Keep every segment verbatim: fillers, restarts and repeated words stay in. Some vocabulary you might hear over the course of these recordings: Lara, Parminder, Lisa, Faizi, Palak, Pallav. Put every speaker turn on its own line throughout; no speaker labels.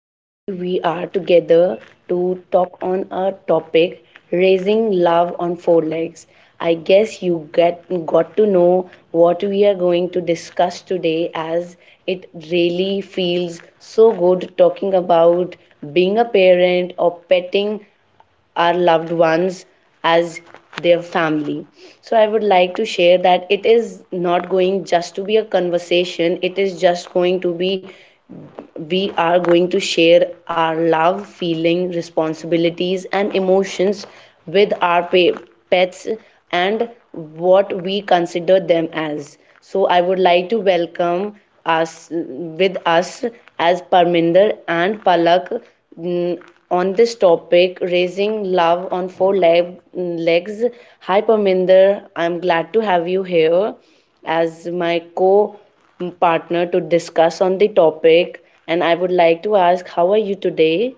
Today we are together to talk on a topic, raising love on four legs. I guess you get got to know what we are going to discuss today, as it really feels so good talking about being a parent or petting our loved ones as their family. So I would like to share that it is not going just to be a conversation, it is just going to be, we are going to share our love, feeling, responsibilities, and emotions with our pets and what we consider them as. So, I would like to welcome us with us as Parminder and Palak, mm, on this topic, raising love on four leg, legs. Hi, Parminder, I'm glad to have you here as my co-partner to discuss on the topic, and I would like to ask, how are you today?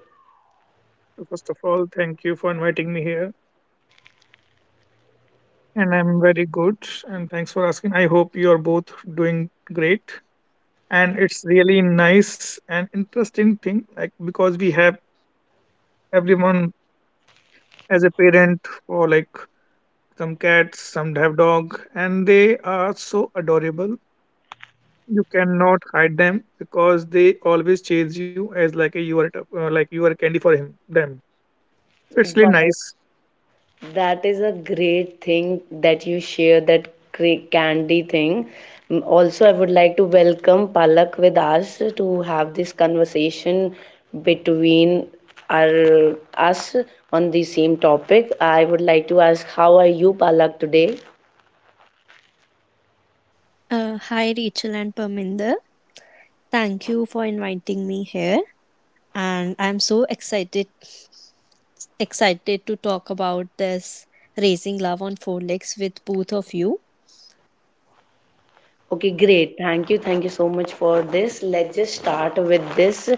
So first of all, thank you for inviting me here. And I'm very good. And thanks for asking. I hope you're both doing great. And it's really nice and interesting thing, like because we have everyone as a parent for like some cats, some have dog, and they are so adorable. You cannot hide them because they always chase you as like a you are a- uh, like you are candy for him them. So it's really
Wow,
nice.
that is a great thing that you share, that cra- candy thing. Mm, also, I would like to welcome Palak with us to have this conversation between our us on the same topic. I would like to ask, how are you, Palak, today? Okay, great. Thank you. Thank you so much for this. Let's just start with this,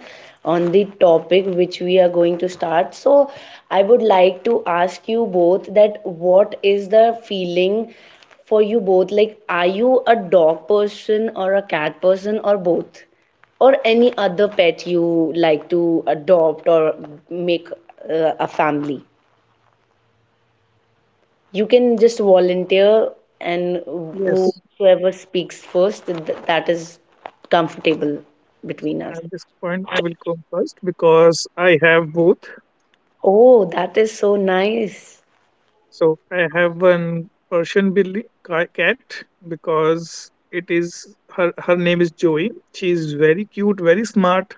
on the topic which we are going to start. So, I would like to ask you both, that what is the feeling for you both? Like, are you a dog person or a cat person or both? Or any other pet you like to adopt or make uh, a family? You can just volunteer, and
Yes.
whoever speaks first, th- that is comfortable
So
between us.
at this point, I will come first because I have both.
Oh, that is so nice.
So I have one Persian Billy ca- cat because it is her her name is Joey. She is very cute, very smart,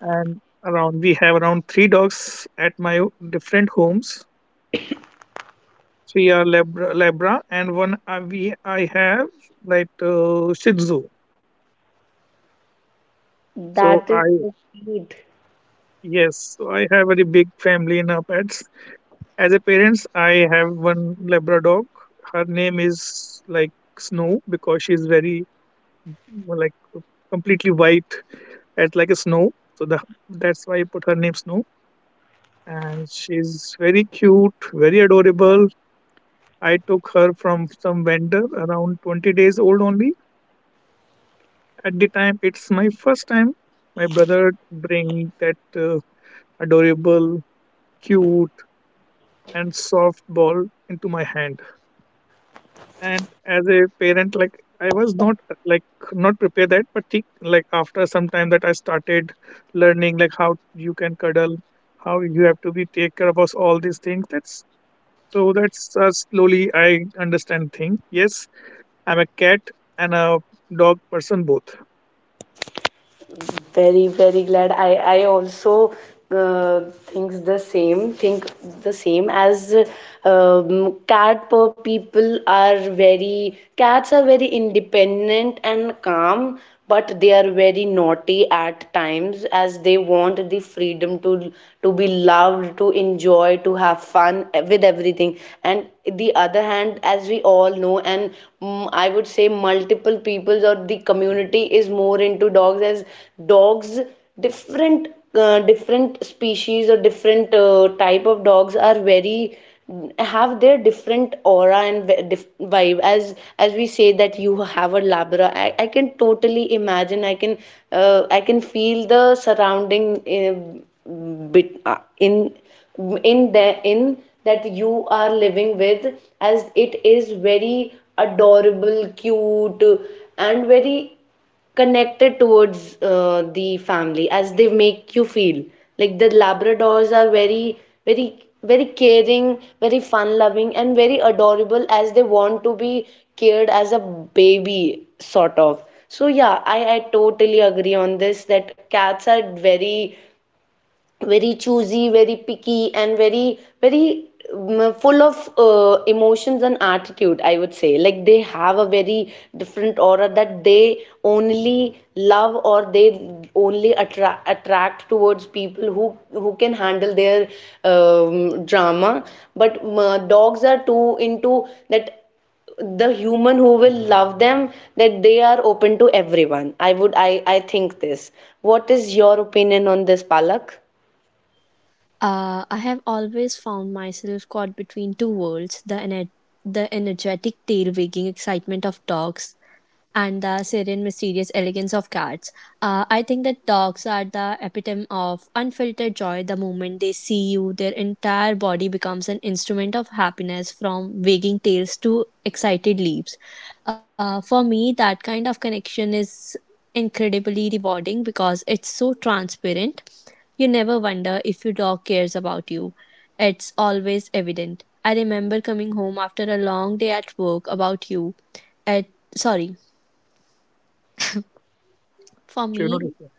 and around we have around three dogs at my o- different homes. Three are Labra, Labra and one uh, we I have like uh, Shih Tzu. So
That is
I
so cute.
Yes, so I have a very big family in our pets. As a parents, I have one Labrador. Her name is like Snow because she's very uh, like completely white as like a snow. So the, that's why I put her name Snow. And she's very cute, very adorable. I took her from some vendor around twenty days old only. At the time, it's my first time. My brother bring that uh, adorable, cute, and soft ball into my hand. And as a parent, like I was not uh, like not prepared that, but think like after some time that I started learning like how you can cuddle, how you have to be take care of us, all these things. That's so that's uh, slowly I understand thing. Yes, I'm a cat and a dog person both.
Very very glad. I I also uh, thinks the same. Think the same as, um, cat per people are very, cats are very independent and calm, but they are very naughty at times as they want the freedom to to be loved, to enjoy, to have fun with everything. And the other hand, as we all know, and mm, I would would say multiple peoples or the community is more into dogs, as dogs different, uh, different species or different uh, type of dogs are very, have their different aura and vibe. as as we say that you have a labra, i, I can totally imagine, I can uh, I can feel the surrounding, uh, bit uh, in in the in that you are living with, as it is very adorable, cute, and very connected towards uh, the family, as they make you feel like the labradors are very, very, very caring, very fun loving, and very adorable, as they want to be cared as a baby sort of. So yeah, i i totally agree on this, that cats are very, very choosy, very picky, and very, very um, full of uh, emotions and attitude, I would say. Like they have a very different aura, that they only love or they only attra attract towards people who who can handle their um, drama. But um, uh, dogs are too into that, the human who will love them, that they are open to everyone. I would, I I think this. What is your opinion on this, Palak?
Not a sure, not a sure.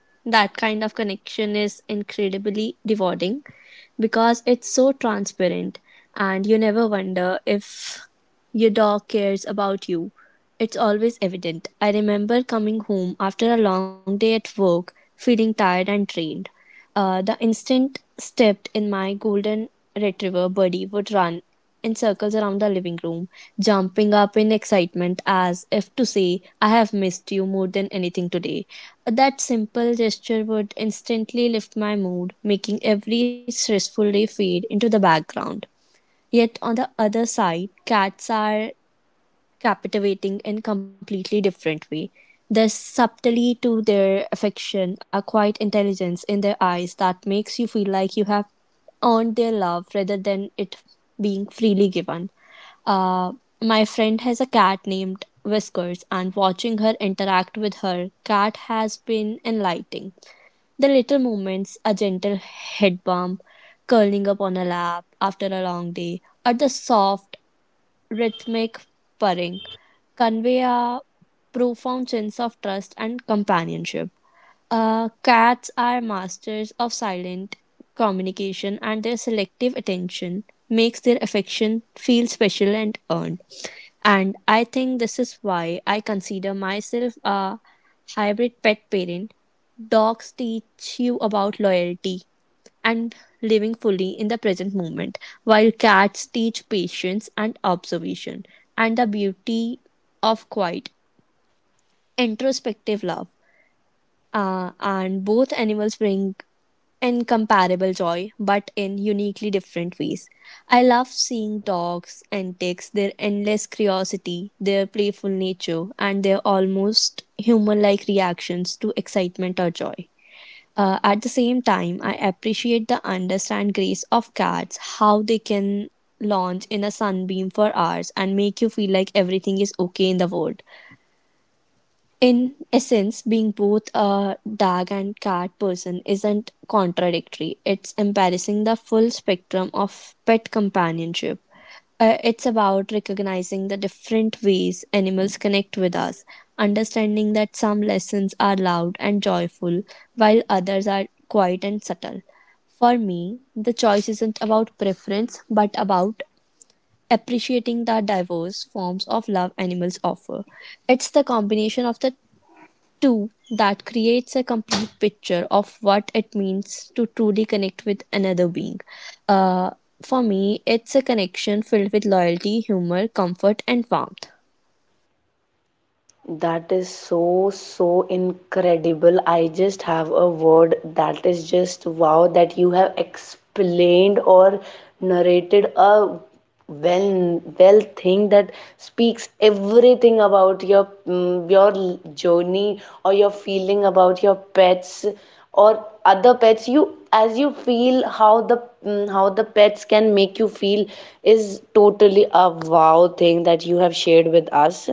That is so, so incredible. I just have a word, that is just wow, that you have explained or narrated a well well thing that speaks everything about your, mm, your journey or your feeling about your pets or other pets, you, as you feel, how the, mm, how the pets can make you feel, is totally a wow thing that you have shared with us.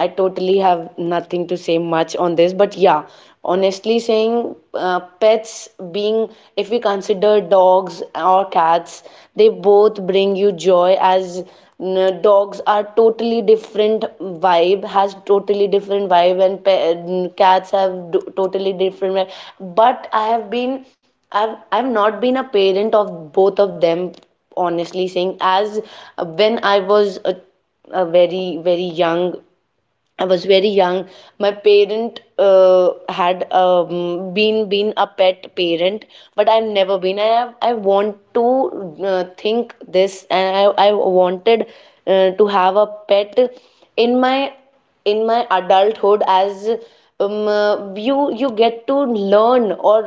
I totally have nothing to say much on this, but yeah, honestly saying, uh, pets being, if we consider dogs or cats, they both bring you joy as, n- dogs are totally different vibe, has totally different vibe, and pe- n- cats have do- totally different vibe. But I have been, I've, I've not been a parent of both of them, honestly saying. As uh, when I was a a very very young, I was very young. My parent uh, had um, been been a pet parent, but I've never been. I have, I want to uh, think this, and I I wanted uh, to have a pet in my, in my adulthood. As um, uh, you you get to learn or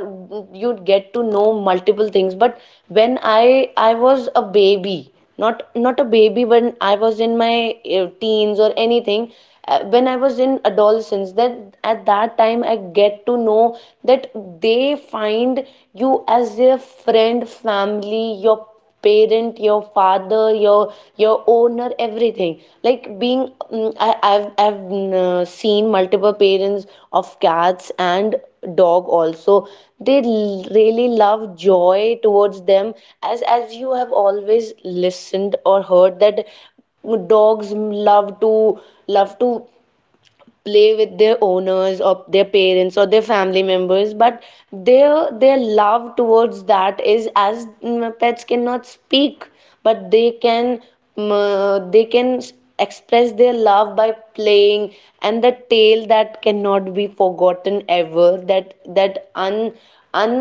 you get to know multiple things. But when I I was a baby, not not a baby, when I was in my uh, teens or anything. Uh, when I was in adolescence, that at that time I get to know that they find you as their friend, family, your parent, your father, your your owner, everything, everything like being, mm, I, I've I've mm, uh, seen multiple parents of cats and dog also. They l- really love joy towards them, as as you have always listened or heard that, mm, dogs love to, love to play with their owners or their parents or their family members, but their their love towards that is as, mm, pets cannot speak, but they can, mm, uh, they can s- express their love by playing. And the tale that cannot be forgotten ever, that that un un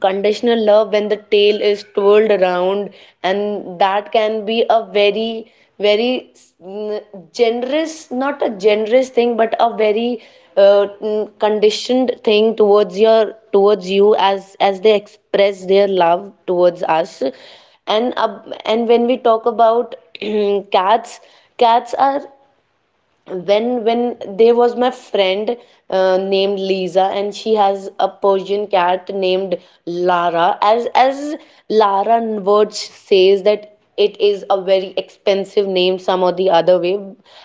conditional love when the tail is twirled around, and that can be a very, very, mm, generous, not a generous thing, but a very uh, mm, conditioned thing towards your, towards you, as as they express their love towards us. And uh, and when we talk about cats, cats are, when when there was my friend uh, named Lisa, and she has a Persian cat named Lara. as as Lara words says that it is a very expensive name some or the other way,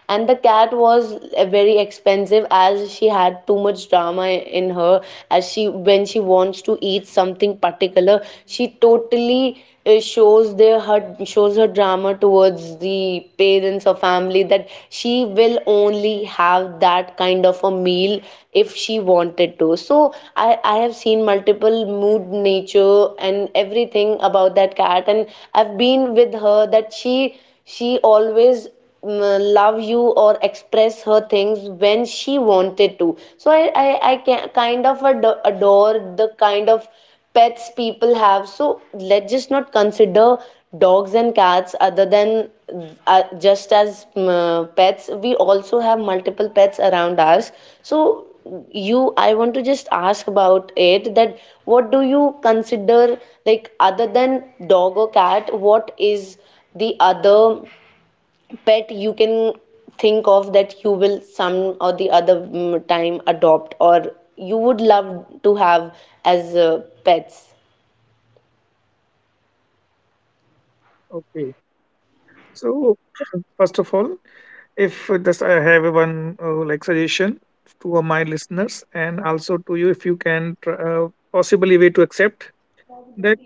and the cat was uh, very expensive, as she had too much drama in her. As she, when she wants to eat something particular, she totally uh, shows their, her shows her drama towards the parents or family, that she will only have that kind of a meal if she wanted to. So i i have seen multiple mood, nature, and everything about that cat, and I've been with her, that she she always, mm, love you or express her things when she wanted to. So I I, I can, kind of ad- adore the kind of pets people have. So let's just not consider dogs and cats other than, uh, just as, um, uh, pets. We also have multiple pets around us. So you, I want to just ask about it, that what do you consider, like other than dog or cat? What is the other pet you can think of that you will some or the other, mm, time adopt or you would love to have as uh, pets?
Okay. So first of all, if this I have one uh, like suggestion to uh, my listeners and also to you, if you can tr- uh, possibly way to accept that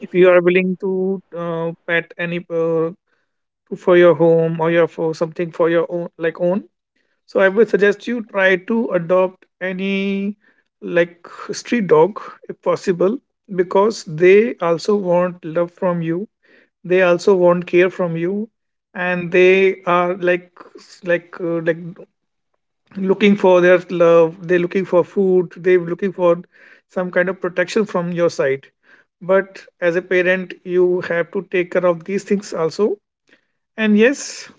if you are willing to uh, pet any uh, for your home or your for something for your own like own. So I would suggest you try to adopt any like street dog if possible because they also want love from you, they also want care from you, and they are like s- like uh, like looking for their love, they're looking for food, they're looking for some kind of protection from your side. But as a parent, you have to take care of these things also. And yes,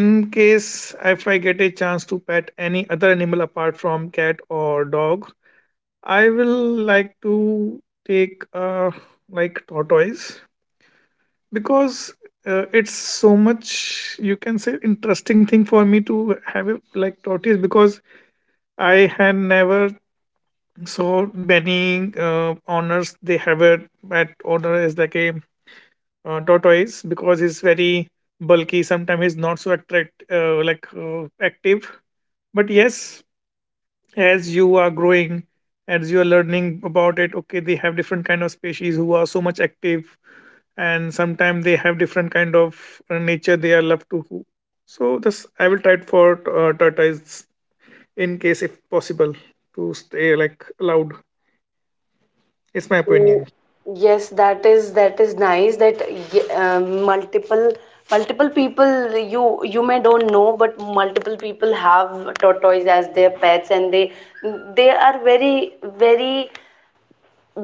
in case if I get a chance to pet any other animal apart from cat or dog, I will like to take uh like tortoise because uh, it's so much you can say interesting thing for me to have it like tortillas because I had never saw many uh, honors they have it at honor is like a uh, tortoise because it's very bulky. Sometimes it's not so attract uh, like uh, active, but yes, as you are growing, as you are learning about it, okay, they have different kind of species who are so much active, and sometimes they have different kind of uh, nature they are loved to who. So this I will try it for uh, tortoise in case if possible to stay like loud. It's
Yes,
my opinion.
you. Yes, that is, that is nice that, y- um, multiple, multiple people, you you may don't know, but multiple people have tortoise as their pets, and they they are very, very,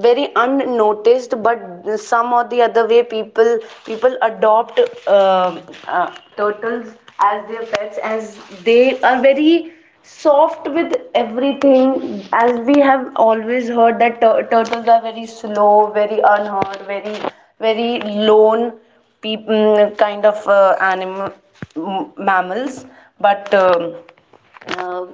very unnoticed, but some or the other way people, people adopt, um uh, turtles as their pets, as they are very soft with everything. As we have always heard that tur- turtles are very slow, very unheard, very, very lone, peop- mm, kind of uh, animal, m- mammals. But um, uh,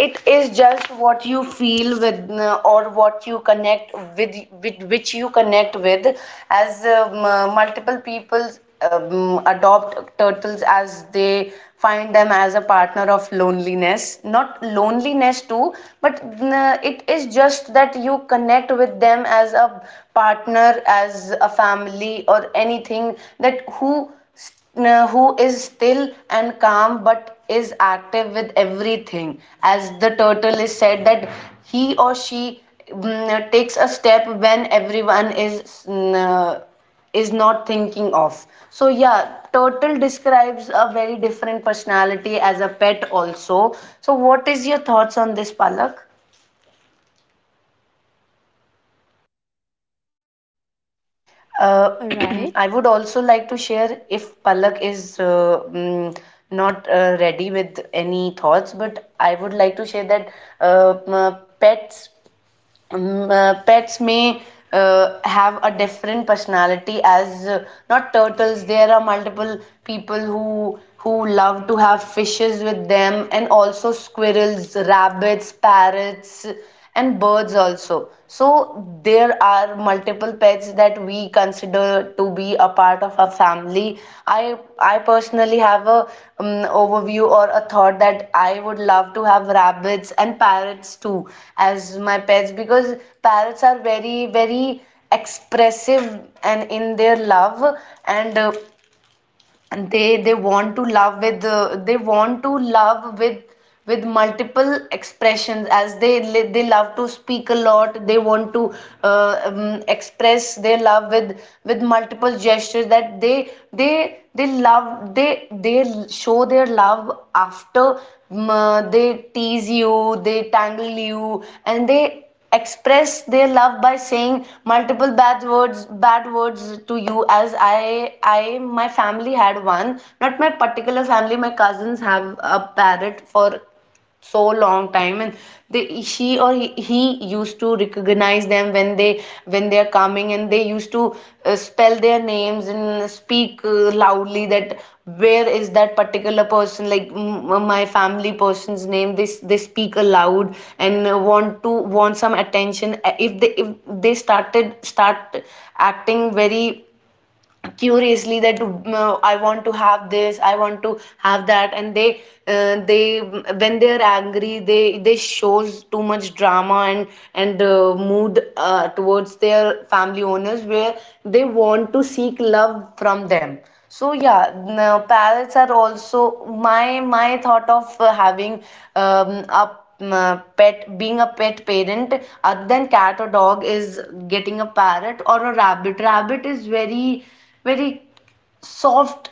it is just what you feel with, uh, or what you connect with, with which you connect with. As um, uh, multiple people um, adopt turtles, as they find them as a partner of loneliness, not loneliness too, but uh, it is just that you connect with them as a partner, as a family, or anything, that who uh, who is still and calm, but is active with everything. As the turtle is said, that he or she, mm, takes a step when everyone is, mm, uh, is not thinking of. So yeah, turtle describes a very different personality as a pet also. So what is your thoughts on this, palak? Uh, I would also like to share, if Palak is uh, mm, not uh, ready with any thoughts, but I would like to share that, uh, m- pets, um, uh, pets may uh, have a different personality, as uh, not turtles. There are multiple people who who love to have fishes with them, and also squirrels, rabbits, parrots, and birds also. So there are multiple pets pets that we consider to be a part of our family. I I personally have a um, overview or a thought that I would love to have rabbits and parrots too as my pets because parrots are very very expressive and in their love and uh, and they they want to love with uh, they want to love with with multiple expressions as they li- they love to speak a lot, they want to uh, um, express their love with with multiple gestures that they they they love they they show their love after um, uh, they tease you, they tangle you, and they express their love by saying multiple bad words bad words to you. As i i my family had one, not my particular family, my cousins have a parrot for so long time, and they she or he, he used to recognize them when they when they are coming, and they used to uh, spell their names and speak uh, loudly that where is that particular person, like m- my family person's name. They s- they speak aloud and uh, want to want some attention. Uh, if they if they started start acting very curiously that, mm, I want to have this, I want to have that. And they uh, they, when they are angry, they they shows too much drama and and uh, mood uh, towards their family owners, where they want to seek love from them. So yeah, now parrots are also my my thought of uh, having um, a um, uh, pet, being a pet parent other than cat or dog, is getting a parrot or a rabbit. Rabbit is very very soft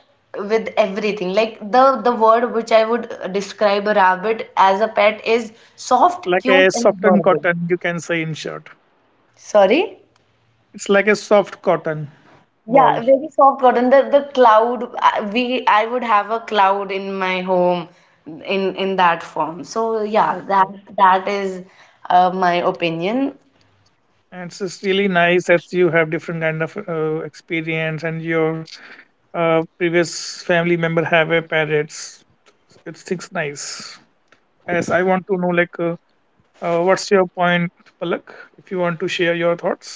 with everything. Like, the the word which I would uh, describe a rabbit as a pet is soft,
Like
cute,
a
and
softened
adorable.
cotton, you can say in short.
Sorry.
It's like a soft cotton
Yeah,
ball.
very soft cotton, the the cloud. Uh, we I would have a cloud in my home in in that form. So yeah, that
Okay.
that is uh, my opinion.
And it's just really nice that you have different kind of uh, experience and your uh, previous family member have a parrots. It seems nice as I want to know like uh, Uh, what's your point, Palak? If you want to share your thoughts.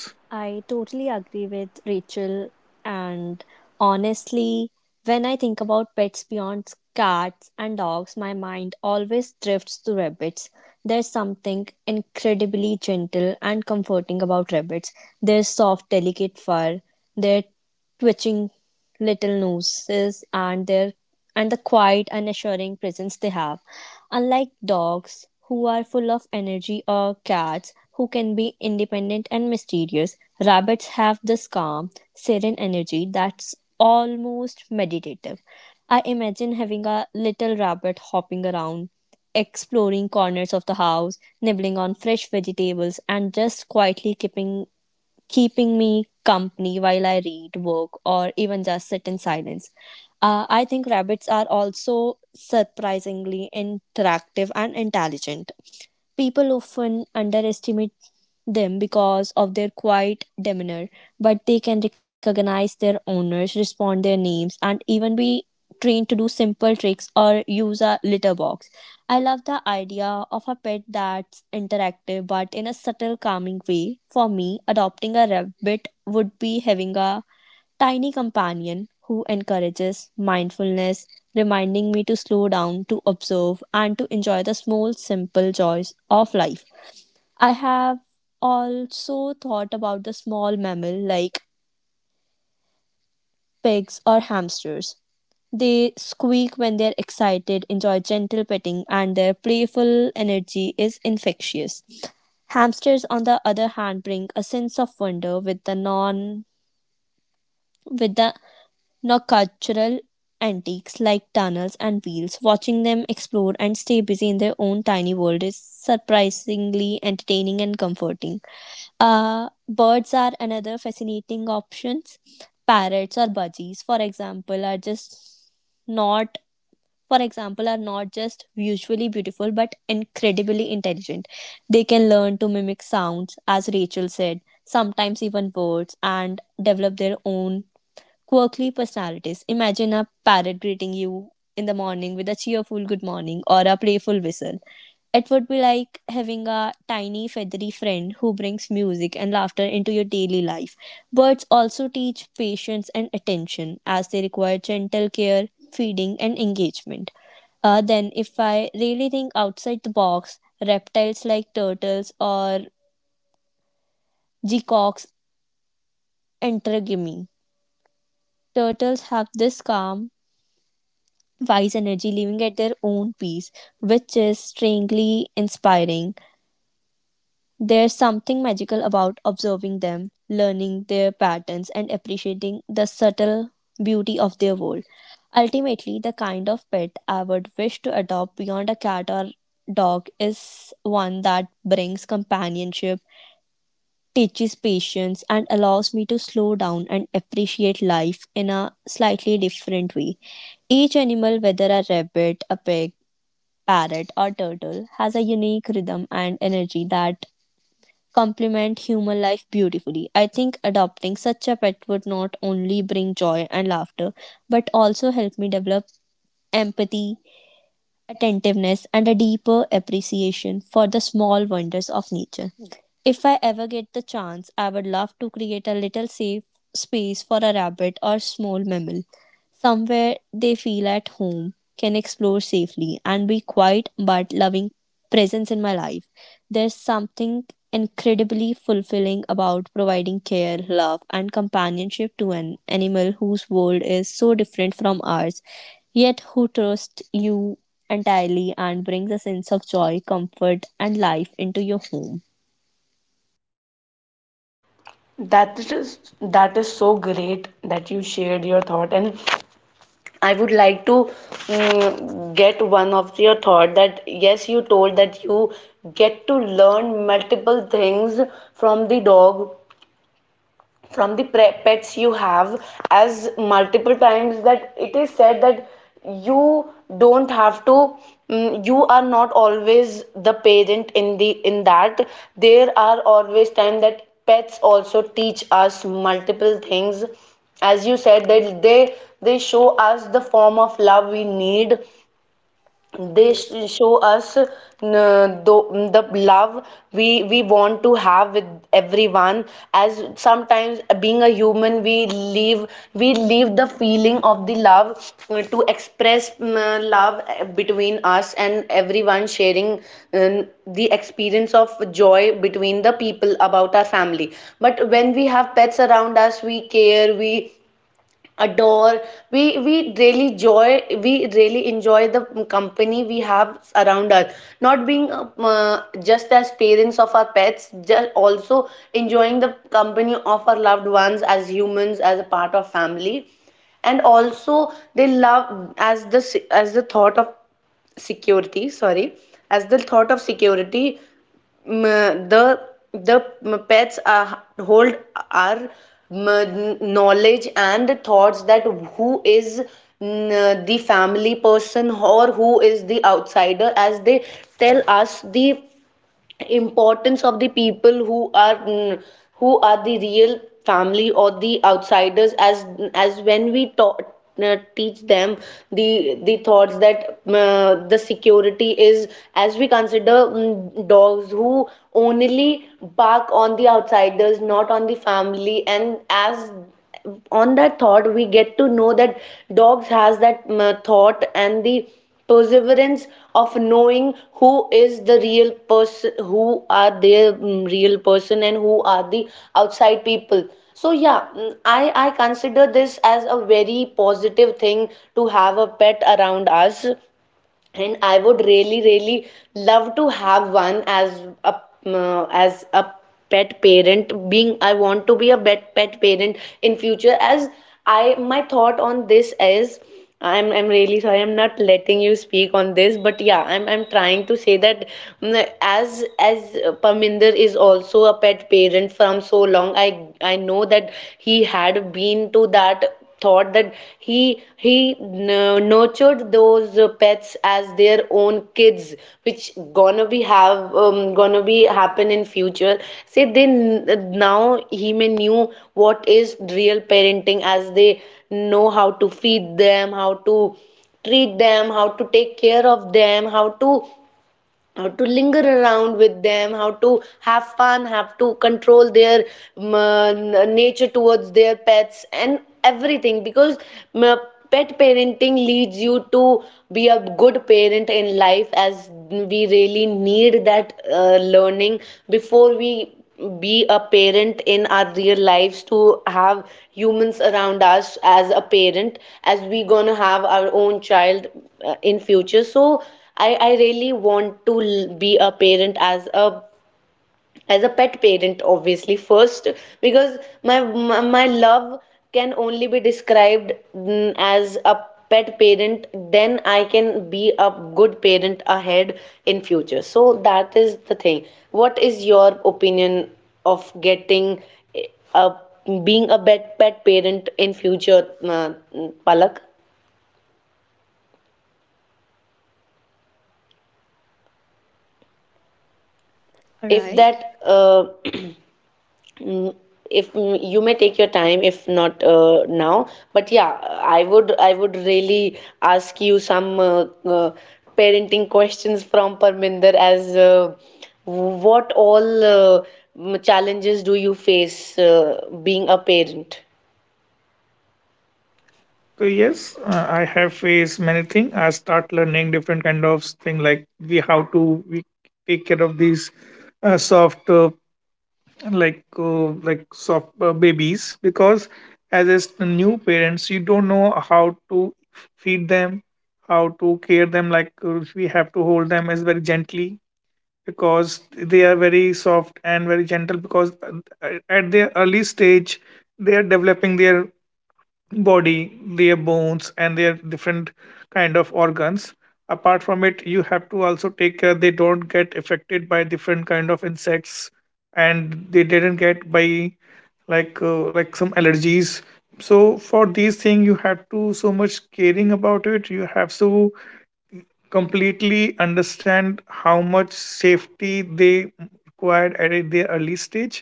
That is that is so great that you shared your thought. And I would like to mm, get one of your thought, that yes, you told that you get to learn multiple things from the dog, from the pets you have, as multiple times that it is said that you don't have to, mm, you are not always the parent, in the in that there are always time that pets also teach us multiple things. As you said that they they show us the form of love we need. They sh- show us uh, the, the love we we want to have with everyone. As sometimes, being a human, we leave we leave the feeling of the love uh, to express mm, uh, love uh, between us and everyone, sharing um, the experience of joy between the people about our family. But when we have pets around us, we care, we adore, we we really joy we really enjoy the company we have around us, not being uh, just as parents of our pets, just also enjoying the company of our loved ones, as humans, as a part of family. And also they love as the, as the thought of security sorry as the thought of security, mm, the the mm, pets are hold our mm, knowledge and thoughts that who is mm, the family person or who is the outsider, as they tell us the importance of the people who are, mm, who are the real family or the outsiders. As as when we taught uh, teach them the the thoughts that, uh, the security is, as we consider, mm, dogs who only bark on the outsiders, not on the family. And as on that thought, we get to know that dogs has that mm, uh, thought and the perseverance of knowing who is the real person, who are their mm, real person, and who are the outside people. So yeah, mm, i i consider this as a very positive thing to have a pet around us. And I would really, really love to have one as a uh, as a pet parent. Being I want to be a pet pet parent in future. As I my thought on this is, I'm I'm really sorry, I'm not letting you speak on this. But yeah, I'm I'm trying to say that, mm, as as Parminder is also a pet parent from so long. I I know that he had been to that thought, that he he n- nurtured those uh, pets as their own kids, which gonna be have, um, gonna be happen in future. Say they, n- now he may knew what is real parenting, as they know how to feed them, how to treat them, how to take care of them, how to, how to linger around with them, how to have fun, have to control their um, uh, nature towards their pets and everything. Because um, uh, pet parenting leads you to be a good parent in life, as we really need that uh, learning before we be a parent in our real lives, to have humans around us as a parent, as we gonna have our own child uh, in future. So I, I really want to l- be a parent as a, as a pet parent, obviously first, because my my, my love can only be described, mm, as a pet parent, then I can be a good parent ahead in future. So that is the thing. What is your opinion of getting, eh, a, being a pet pet parent in future, uh, Palak? If that uh, Mm, if mm, you may take your time if not uh, now, but yeah, i would i would really ask you some uh, uh, parenting questions from Parminder, as uh, what all uh, mm, challenges do you face uh, being a parent?
So yes, uh, I have faced many things. I start learning different kind of thing like we how to we take care of these uh, soft uh, like uh, like soft uh, babies because as a s- new parents you don't know how to feed them, how to care them. Like uh, we have to hold them as very gently because they are very soft and very gentle because uh, at their early stage they are developing their body, their bones, and their different kind of organs. Apart from it, you have to also take care they don't get affected by different kind of insects, and they didn't get by like uh, like some allergies. So for these thing, you have to so much caring about it. You have to completely understand how much safety they required at a- their early stage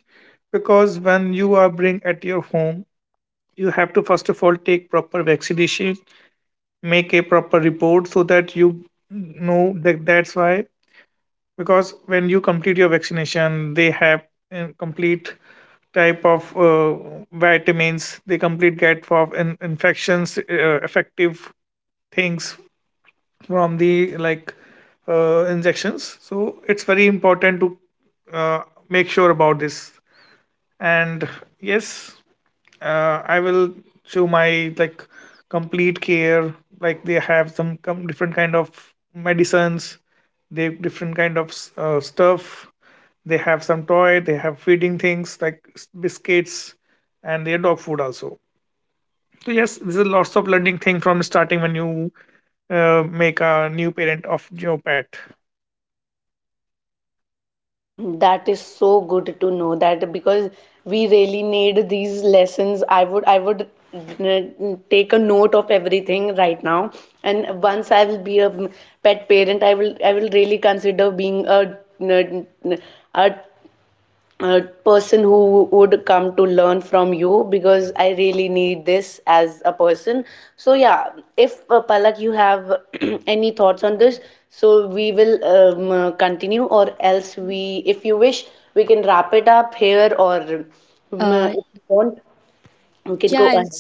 because when you are bring at your home, you have to first of all take proper vaccination, make a proper report so that you know that that's why. Because when you complete your vaccination, they have uh, complete type of uh, vitamins, they complete get for in- infections uh, effective things from the like uh, injections. So it's very important to uh, make sure about this. And yes, uh, I will show my like complete care like they have some com- different kind of medicines, they have different kind of s- uh, stuff, they have some toy, they have feeding things like s- biscuits, and their dog food also. So yes, this is lots of learning thing from starting when you uh, make a new parent of your pet.
That is so good to know that, because we really need these lessons. I would I would uh, take a note of everything right now. And once I will be a mm, pet parent, I will I will really consider being a, a, a uh, person who would come to learn from you, because I really need this as a person. So yeah, if uh, Palak, you have any thoughts on this, so we will um, uh, continue, or else we, if you wish, we can wrap it up here, or um, uh, if you want, we can go ahead.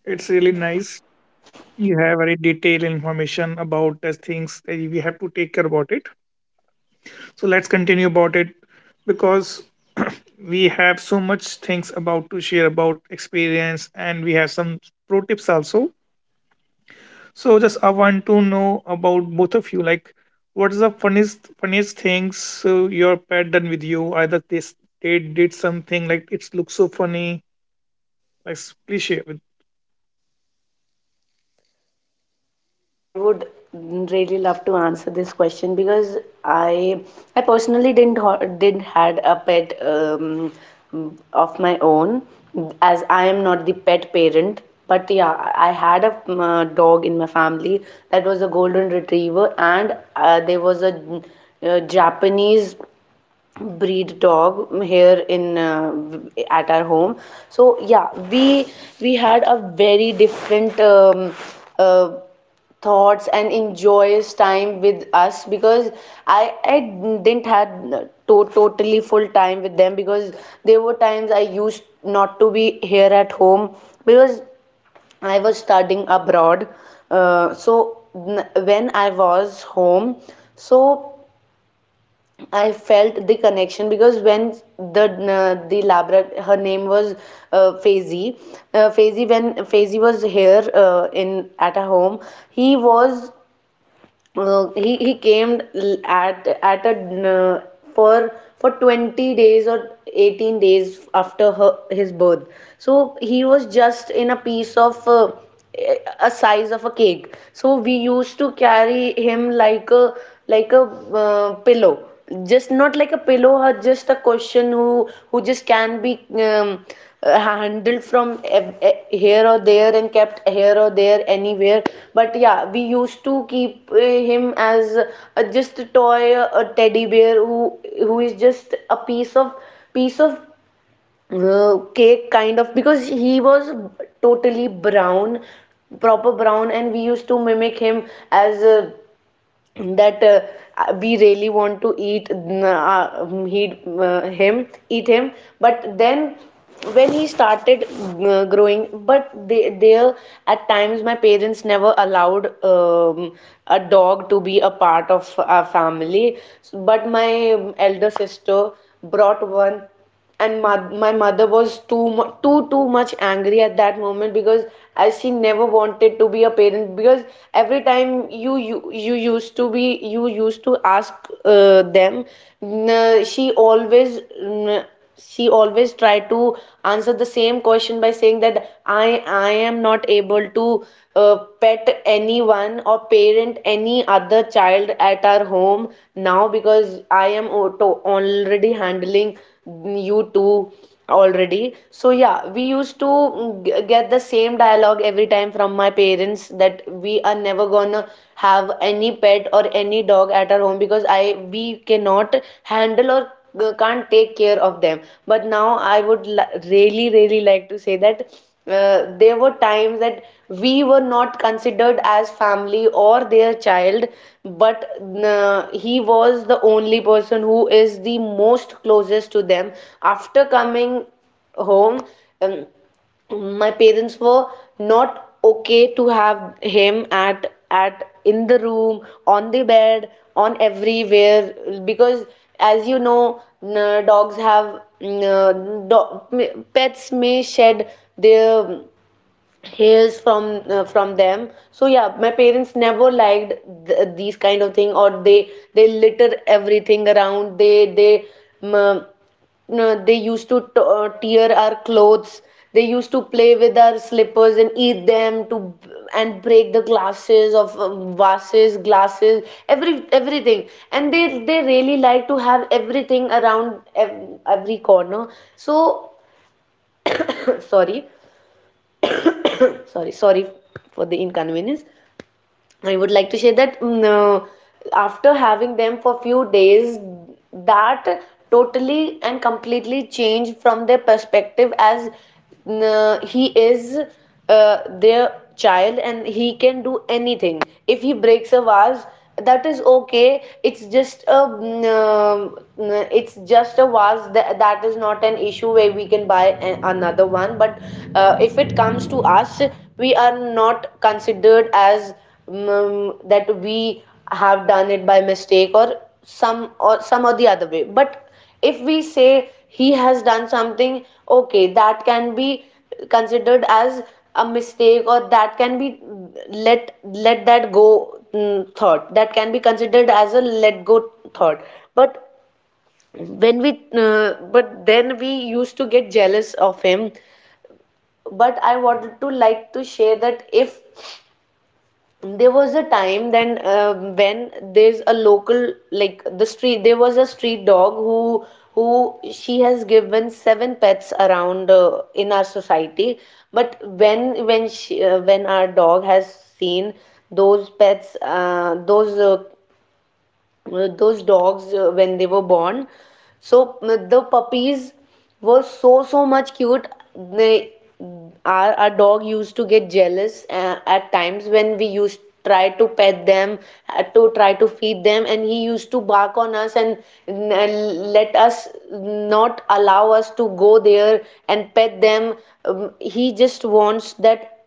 It's really nice. You have very detailed information about the things that we have to take care about it. So let's continue about it because we have so much things about to share about experience, and we have some pro tips also. So just I want to know about both of you. Like, what is the funniest funniest things uh, your pet done with you? Either they s- they did something like it looks so funny. Like, s- please share with.
I would really love to answer this question because I I personally didn't ho- didn't had a pet um, of my own, as I am not the pet parent. But yeah, I had a um, uh, dog in my family that was a golden retriever. And uh, there was a, uh, Japanese breed dog here in uh, at our home. So yeah, we we had a very different um, uh, thoughts and enjoys time with us, because i i didn't had to, totally full time with them, because there were times I used not to be here at home, because I was studying abroad, uh, so, n- when I was home, so I felt the connection. Because when the uh, the Labra, her name was, uh, Faizi. Uh, Faizi, when Faizi was here, uh, in at a home, he was, uh, he he came l- at at a uh, for for twenty days or eighteen days after her his birth. So he was just in a piece of uh, a size of a cake. So we used to carry him like a, like a uh, pillow, just not like a pillow, or just a question, who who just can be um, uh, handled from ev- e- here or there, and kept here or there anywhere. But yeah, we used to keep uh, him as a, just a toy, a teddy bear, who who is just a piece of, piece of uh, cake kind of, because he was totally brown, proper brown. And we used to mimic him as a, that uh, we really want to eat, uh, he, uh, him, eat him. But then when he started uh, growing, but they there, at times my parents never allowed um, a dog to be a part of our family. But my elder sister brought one. And my, my mother was too mu- too too much angry at that moment, because as she never wanted to be a parent. Because every time you you, you used to be you used to ask uh, them, n- she always n- she always tried to answer the same question, by saying that i i am not able to uh, pet anyone or parent any other child at our home now, now because I am auto already handling you two already. So yeah, we used to mm, g- get the same dialogue every time from my parents that we are never gonna have any pet or any dog at our home because I we cannot handle or uh, can't take care of them. But now I would really really like to say that uh, there were times that we were not considered as family or their child, but uh, he was the only person who is the most closest to them. After coming home, um, my parents were not okay to have him at at in the room, on the bed, on everywhere, because, as you know, n- dogs have n- do- pets may shed their hails from uh, from them. So yeah, my parents never liked th- these kind of thing, or they they litter everything around. They they um, no, They used to t- uh, tear our clothes, they used to play with our slippers and eat them to, and break the glasses of um, vases, glasses, every everything and they they really like to have everything around ev- every corner. So sorry. sorry sorry for the inconvenience. I would like to say that mm, uh, after having them for few days, that totally and completely changed from their perspective, as mm, uh, he is uh, their child and he can do anything. If he breaks a vase, that is okay. It's just a mm, um, mm, uh, it's just a vase that, that is not an issue where we can buy a- another one. But uh, if it comes to us, we are not considered as mm, that we have done it by mistake or some or some or the other way. But if we say he has done something, okay, that can be considered as a mistake, or that can be let let that go, mm, thought, that can be considered as a let go thought. But when we uh, but then we used to get jealous of him. But I wanted to like to share that if there was a time, then um when there's a local like the street there was a street dog who who she has given seven pets around uh, in our society. But when when she uh, when our dog has seen those pets, uh, those uh, uh, those dogs, uh, when they were born. So mm, the puppies were so so much cute. They our, our dog used to get jealous uh, at times when we used try to pet them, uh, to try to feed them, and he used to bark on us and n- let us not allow us to go there and pet them. Um, he just wants that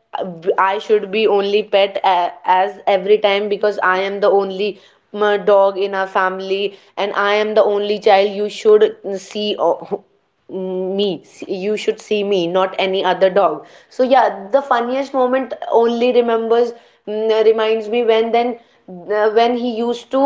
I should be only pet a- as every time, because I am the only mm, dog in our family and I am the only child. You should see o- me you should see me, not any other dog. So yeah, the funniest moment only remembers mm, reminds me when then uh, when he used to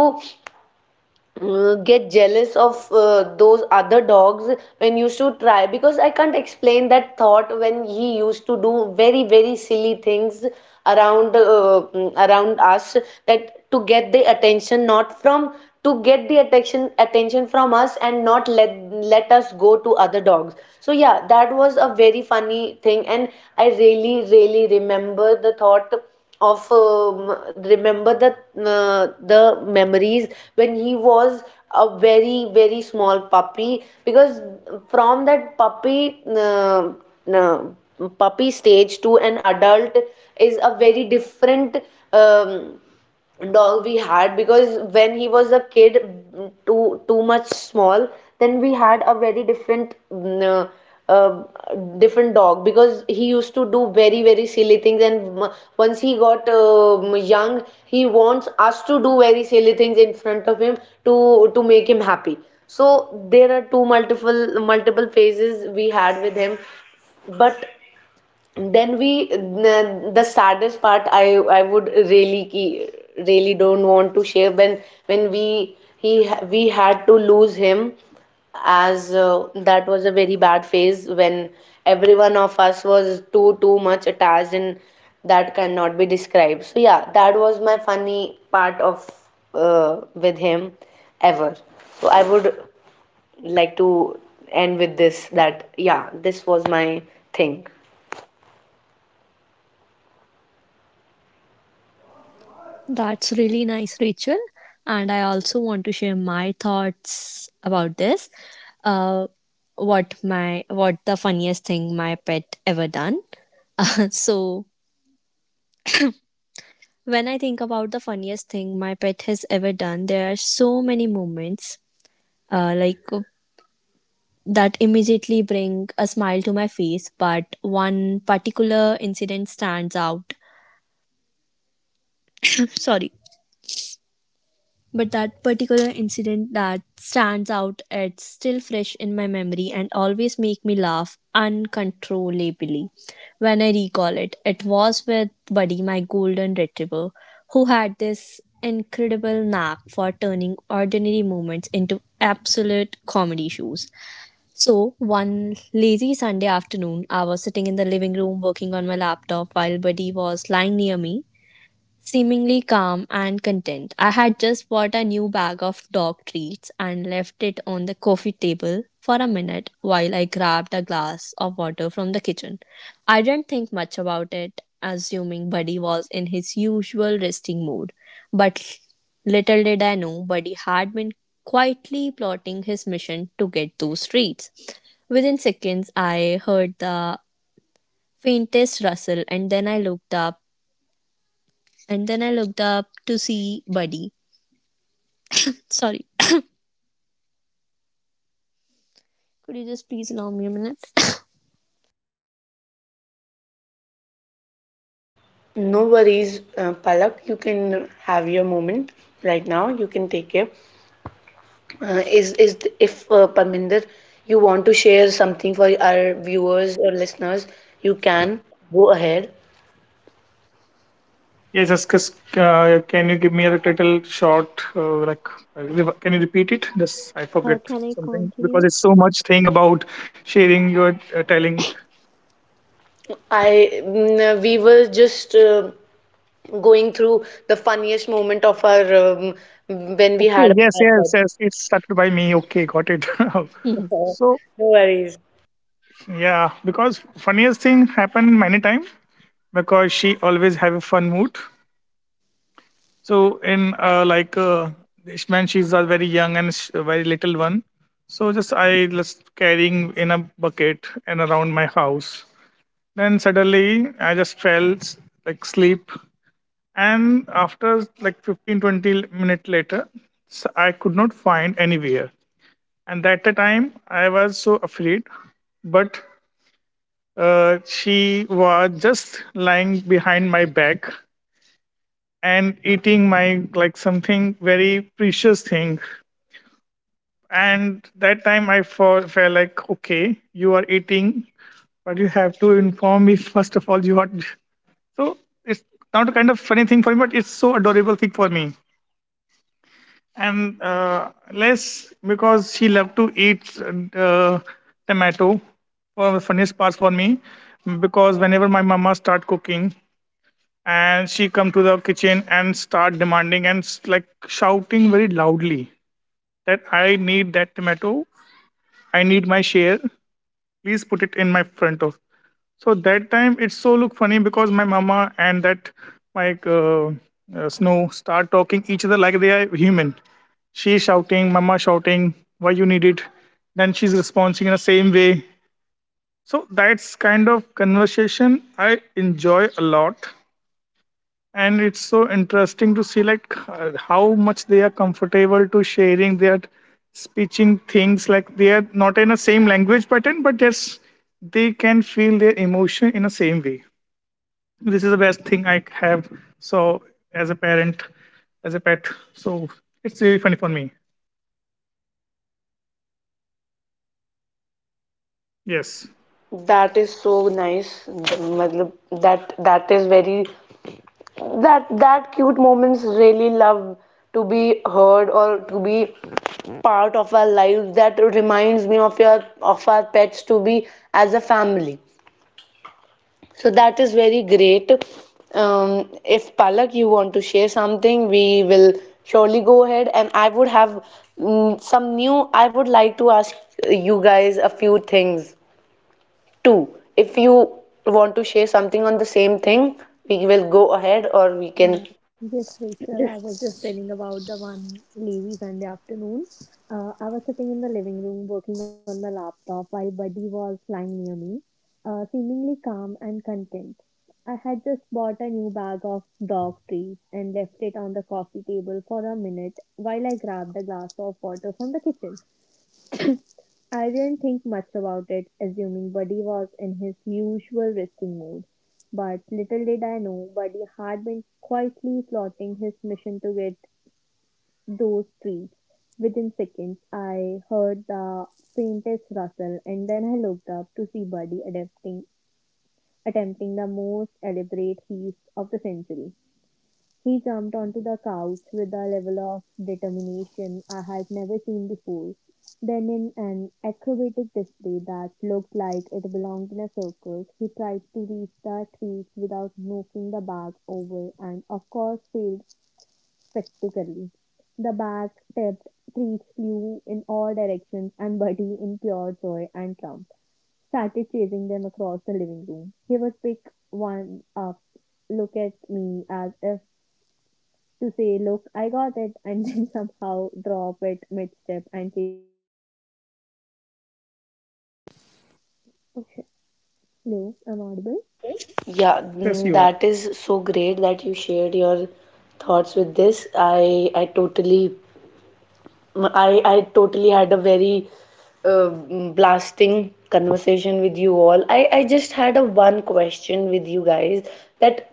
uh, get jealous of uh, those other dogs when used to try, because I can't explain that thought when he used to do very very silly things around uh, mm, around us, that to get the attention not from to get the attention attention from us and not let let us go to other dogs. So yeah, that was a very funny thing. And I really really remember the thought of um, remember the uh, the memories when he was a very very small puppy, because from that puppy uh, uh, puppy stage to an adult is a very different um, dog we had. Because when he was a kid, mm, too too much small, then we had a very different mm, uh, uh, different dog, because he used to do very very silly things. And m- once he got um young, he wants us to do very silly things in front of him to to make him happy. So there are two multiple multiple phases we had with him. But then we the, the saddest part I I would really ki- really don't want to share, when when we he we had to lose him, as uh, that was a very bad phase, when every one of us was too too much attached, and that cannot be described. So yeah, that was my funny part of uh, with him ever. So I would like to end with this, that yeah, this was my thing. No worries, uh, Palak. You can have your moment right now. You can take it. Uh, is is if uh, Parminder, you want to share something for our viewers or listeners, you can go ahead.
Yes, just cause, uh, can you give me a little short, uh, like, uh, rev- can you repeat it? Just I forget something because it's so much thing about sharing your uh, telling.
I mm, uh, we were just uh, going through the funniest moment of our um, when we
Okay,
had a
yes, yes,
podcast.
yes. It started by me. Okay, got it.
No
So
worries.
yeah, because funniest thing happened many time because she always have a fun mood. So in uh, like uh, this man, she's a very young and sh- very little one. So just I just carrying in a bucket and around my house. Then suddenly I just fell s- like sleep, and after like fifteen twenty minute later, s- I could not find anywhere. And at the time I was so afraid, but Uh, she was just lying behind my back and eating my like something very precious thing. And that time I felt, felt like, okay, you are eating, but you have to inform me first of all. You are so it's not a kind of funny thing for me, but it's so adorable thing for me. And uh, less because she loved to eat uh, tomato. One of the funniest parts for me because whenever my mama start cooking and she come to the kitchen and start demanding and s- like shouting very loudly that I need that tomato, I need my share, please put it in my front of. So that time it's so look funny because my mama and that like uh, uh, Snow start talking each other like they are human. She's shouting, mama shouting, why you need it, then she's responding in the same way. So that's kind of conversation I enjoy a lot, and it's so interesting to see like h- how much they are comfortable to sharing their speaking things like they are not in the same language pattern, but yes, they can feel their emotion in the same way. This is the best thing I have. So as a parent, as a pet, so it's really funny for me. Yes.
That is so nice. मतलब that that is very that that cute moments really love to be heard or to be part of our lives. That reminds me of your of our pets to be as a family. So that is very great. um, if Palak, you want to share something, we will surely go ahead. And I would have mm, some new I would like to ask you guys a few things too, if you want to share something on the same thing. We will go ahead, or we can. Yeah,
Yes, yes,
mm,
you are.
that is so great that you shared your thoughts with this. I I totally I, I totally had a very uh, blasting conversation with you all. I, I just had a one question with you guys that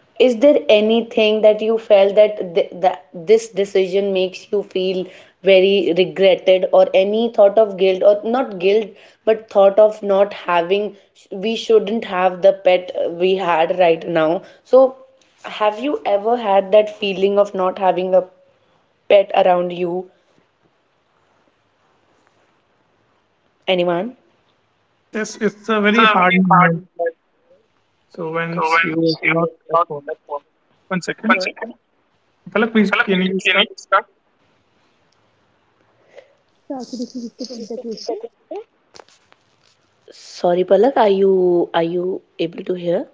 is there anything that you felt that th that this decision makes you feel very regretted, or any thought of guilt or not guilt, but thought of not having, we shouldn't have the pet we had right now. So have you ever had that feeling of not having a pet around you? Anyone?
Yes, yes, it's a very hard moment. So when you are not at home, one second. Palak, please, can you start?
Sorry, Palak, are you are you able to hear?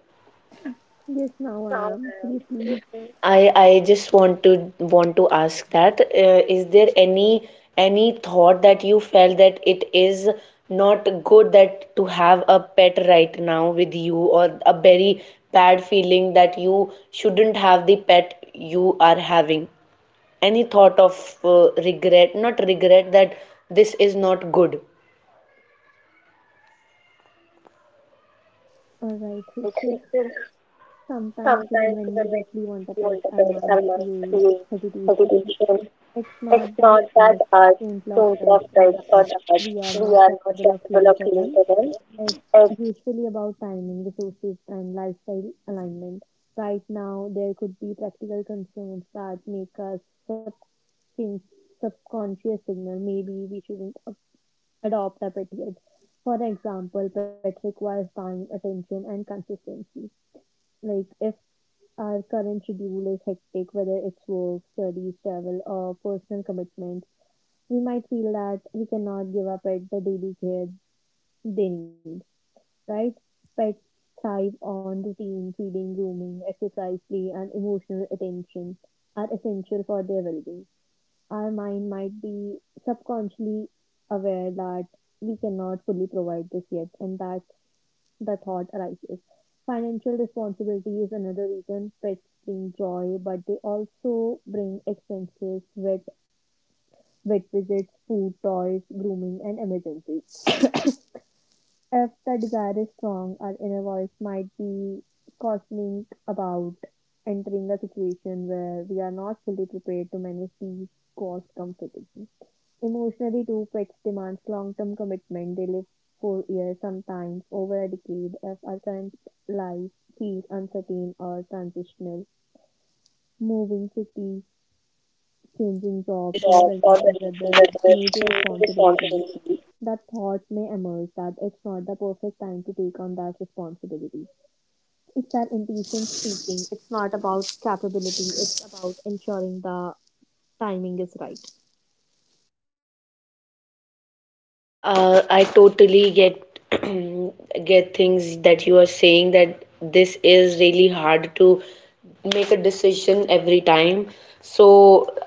I I just want to want to ask that uh, is there any any thought that you felt that it is not good that to have a pet right now with you, or a very bad feeling that you shouldn't have the pet you are having? Any thought of uh, regret, not regret, that this is not good. Sometimes even when we interpret our mind through hesitation, it's not that our tones of rights, or that we are not capable of feeling for them. It's that thinking is of or the responsibility. Uh, I totally get get things that you are saying, that this is really hard to make a decision every time. So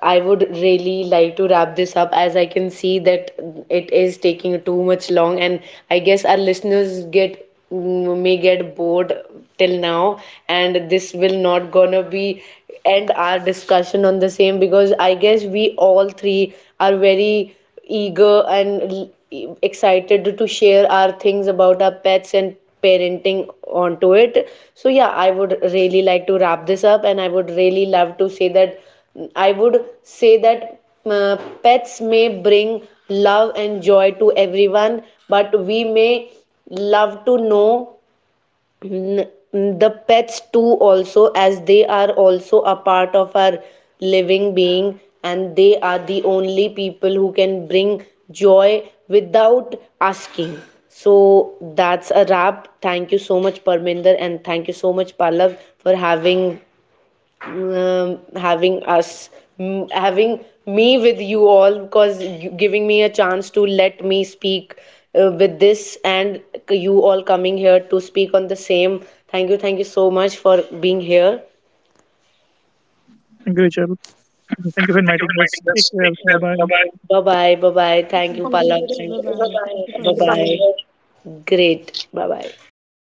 I would really like to wrap this up, as I can see that it is taking too much long, and I guess our listeners get mm, may get bored till now, and this will not gonna be end our discussion on the same, because I guess we all three are very eager and l- excited to share our things about our pets and parenting onto it. So yeah, I would really like to wrap this up, and I would really love to say that I would say that uh, pets may bring love and joy to everyone, but we may love to know N- the pets too also, as they are also a part of our living being, and they are the only people who can bring joy without asking. So that's a wrap. Thank you so much, Parminder, and thank you so much, Palak, for having um, having us m- having me with you all, because you, giving me a chance to let me speak uh, with this, and you all coming here to speak on the same. Thank you, thank you so much for being here.
Thank you, Richard. Thank you for inviting us. Take care. Bye bye.
Bye bye, bye bye, thank you. Okay, Pallav, bye-bye. Bye bye, bye. Great, bye bye.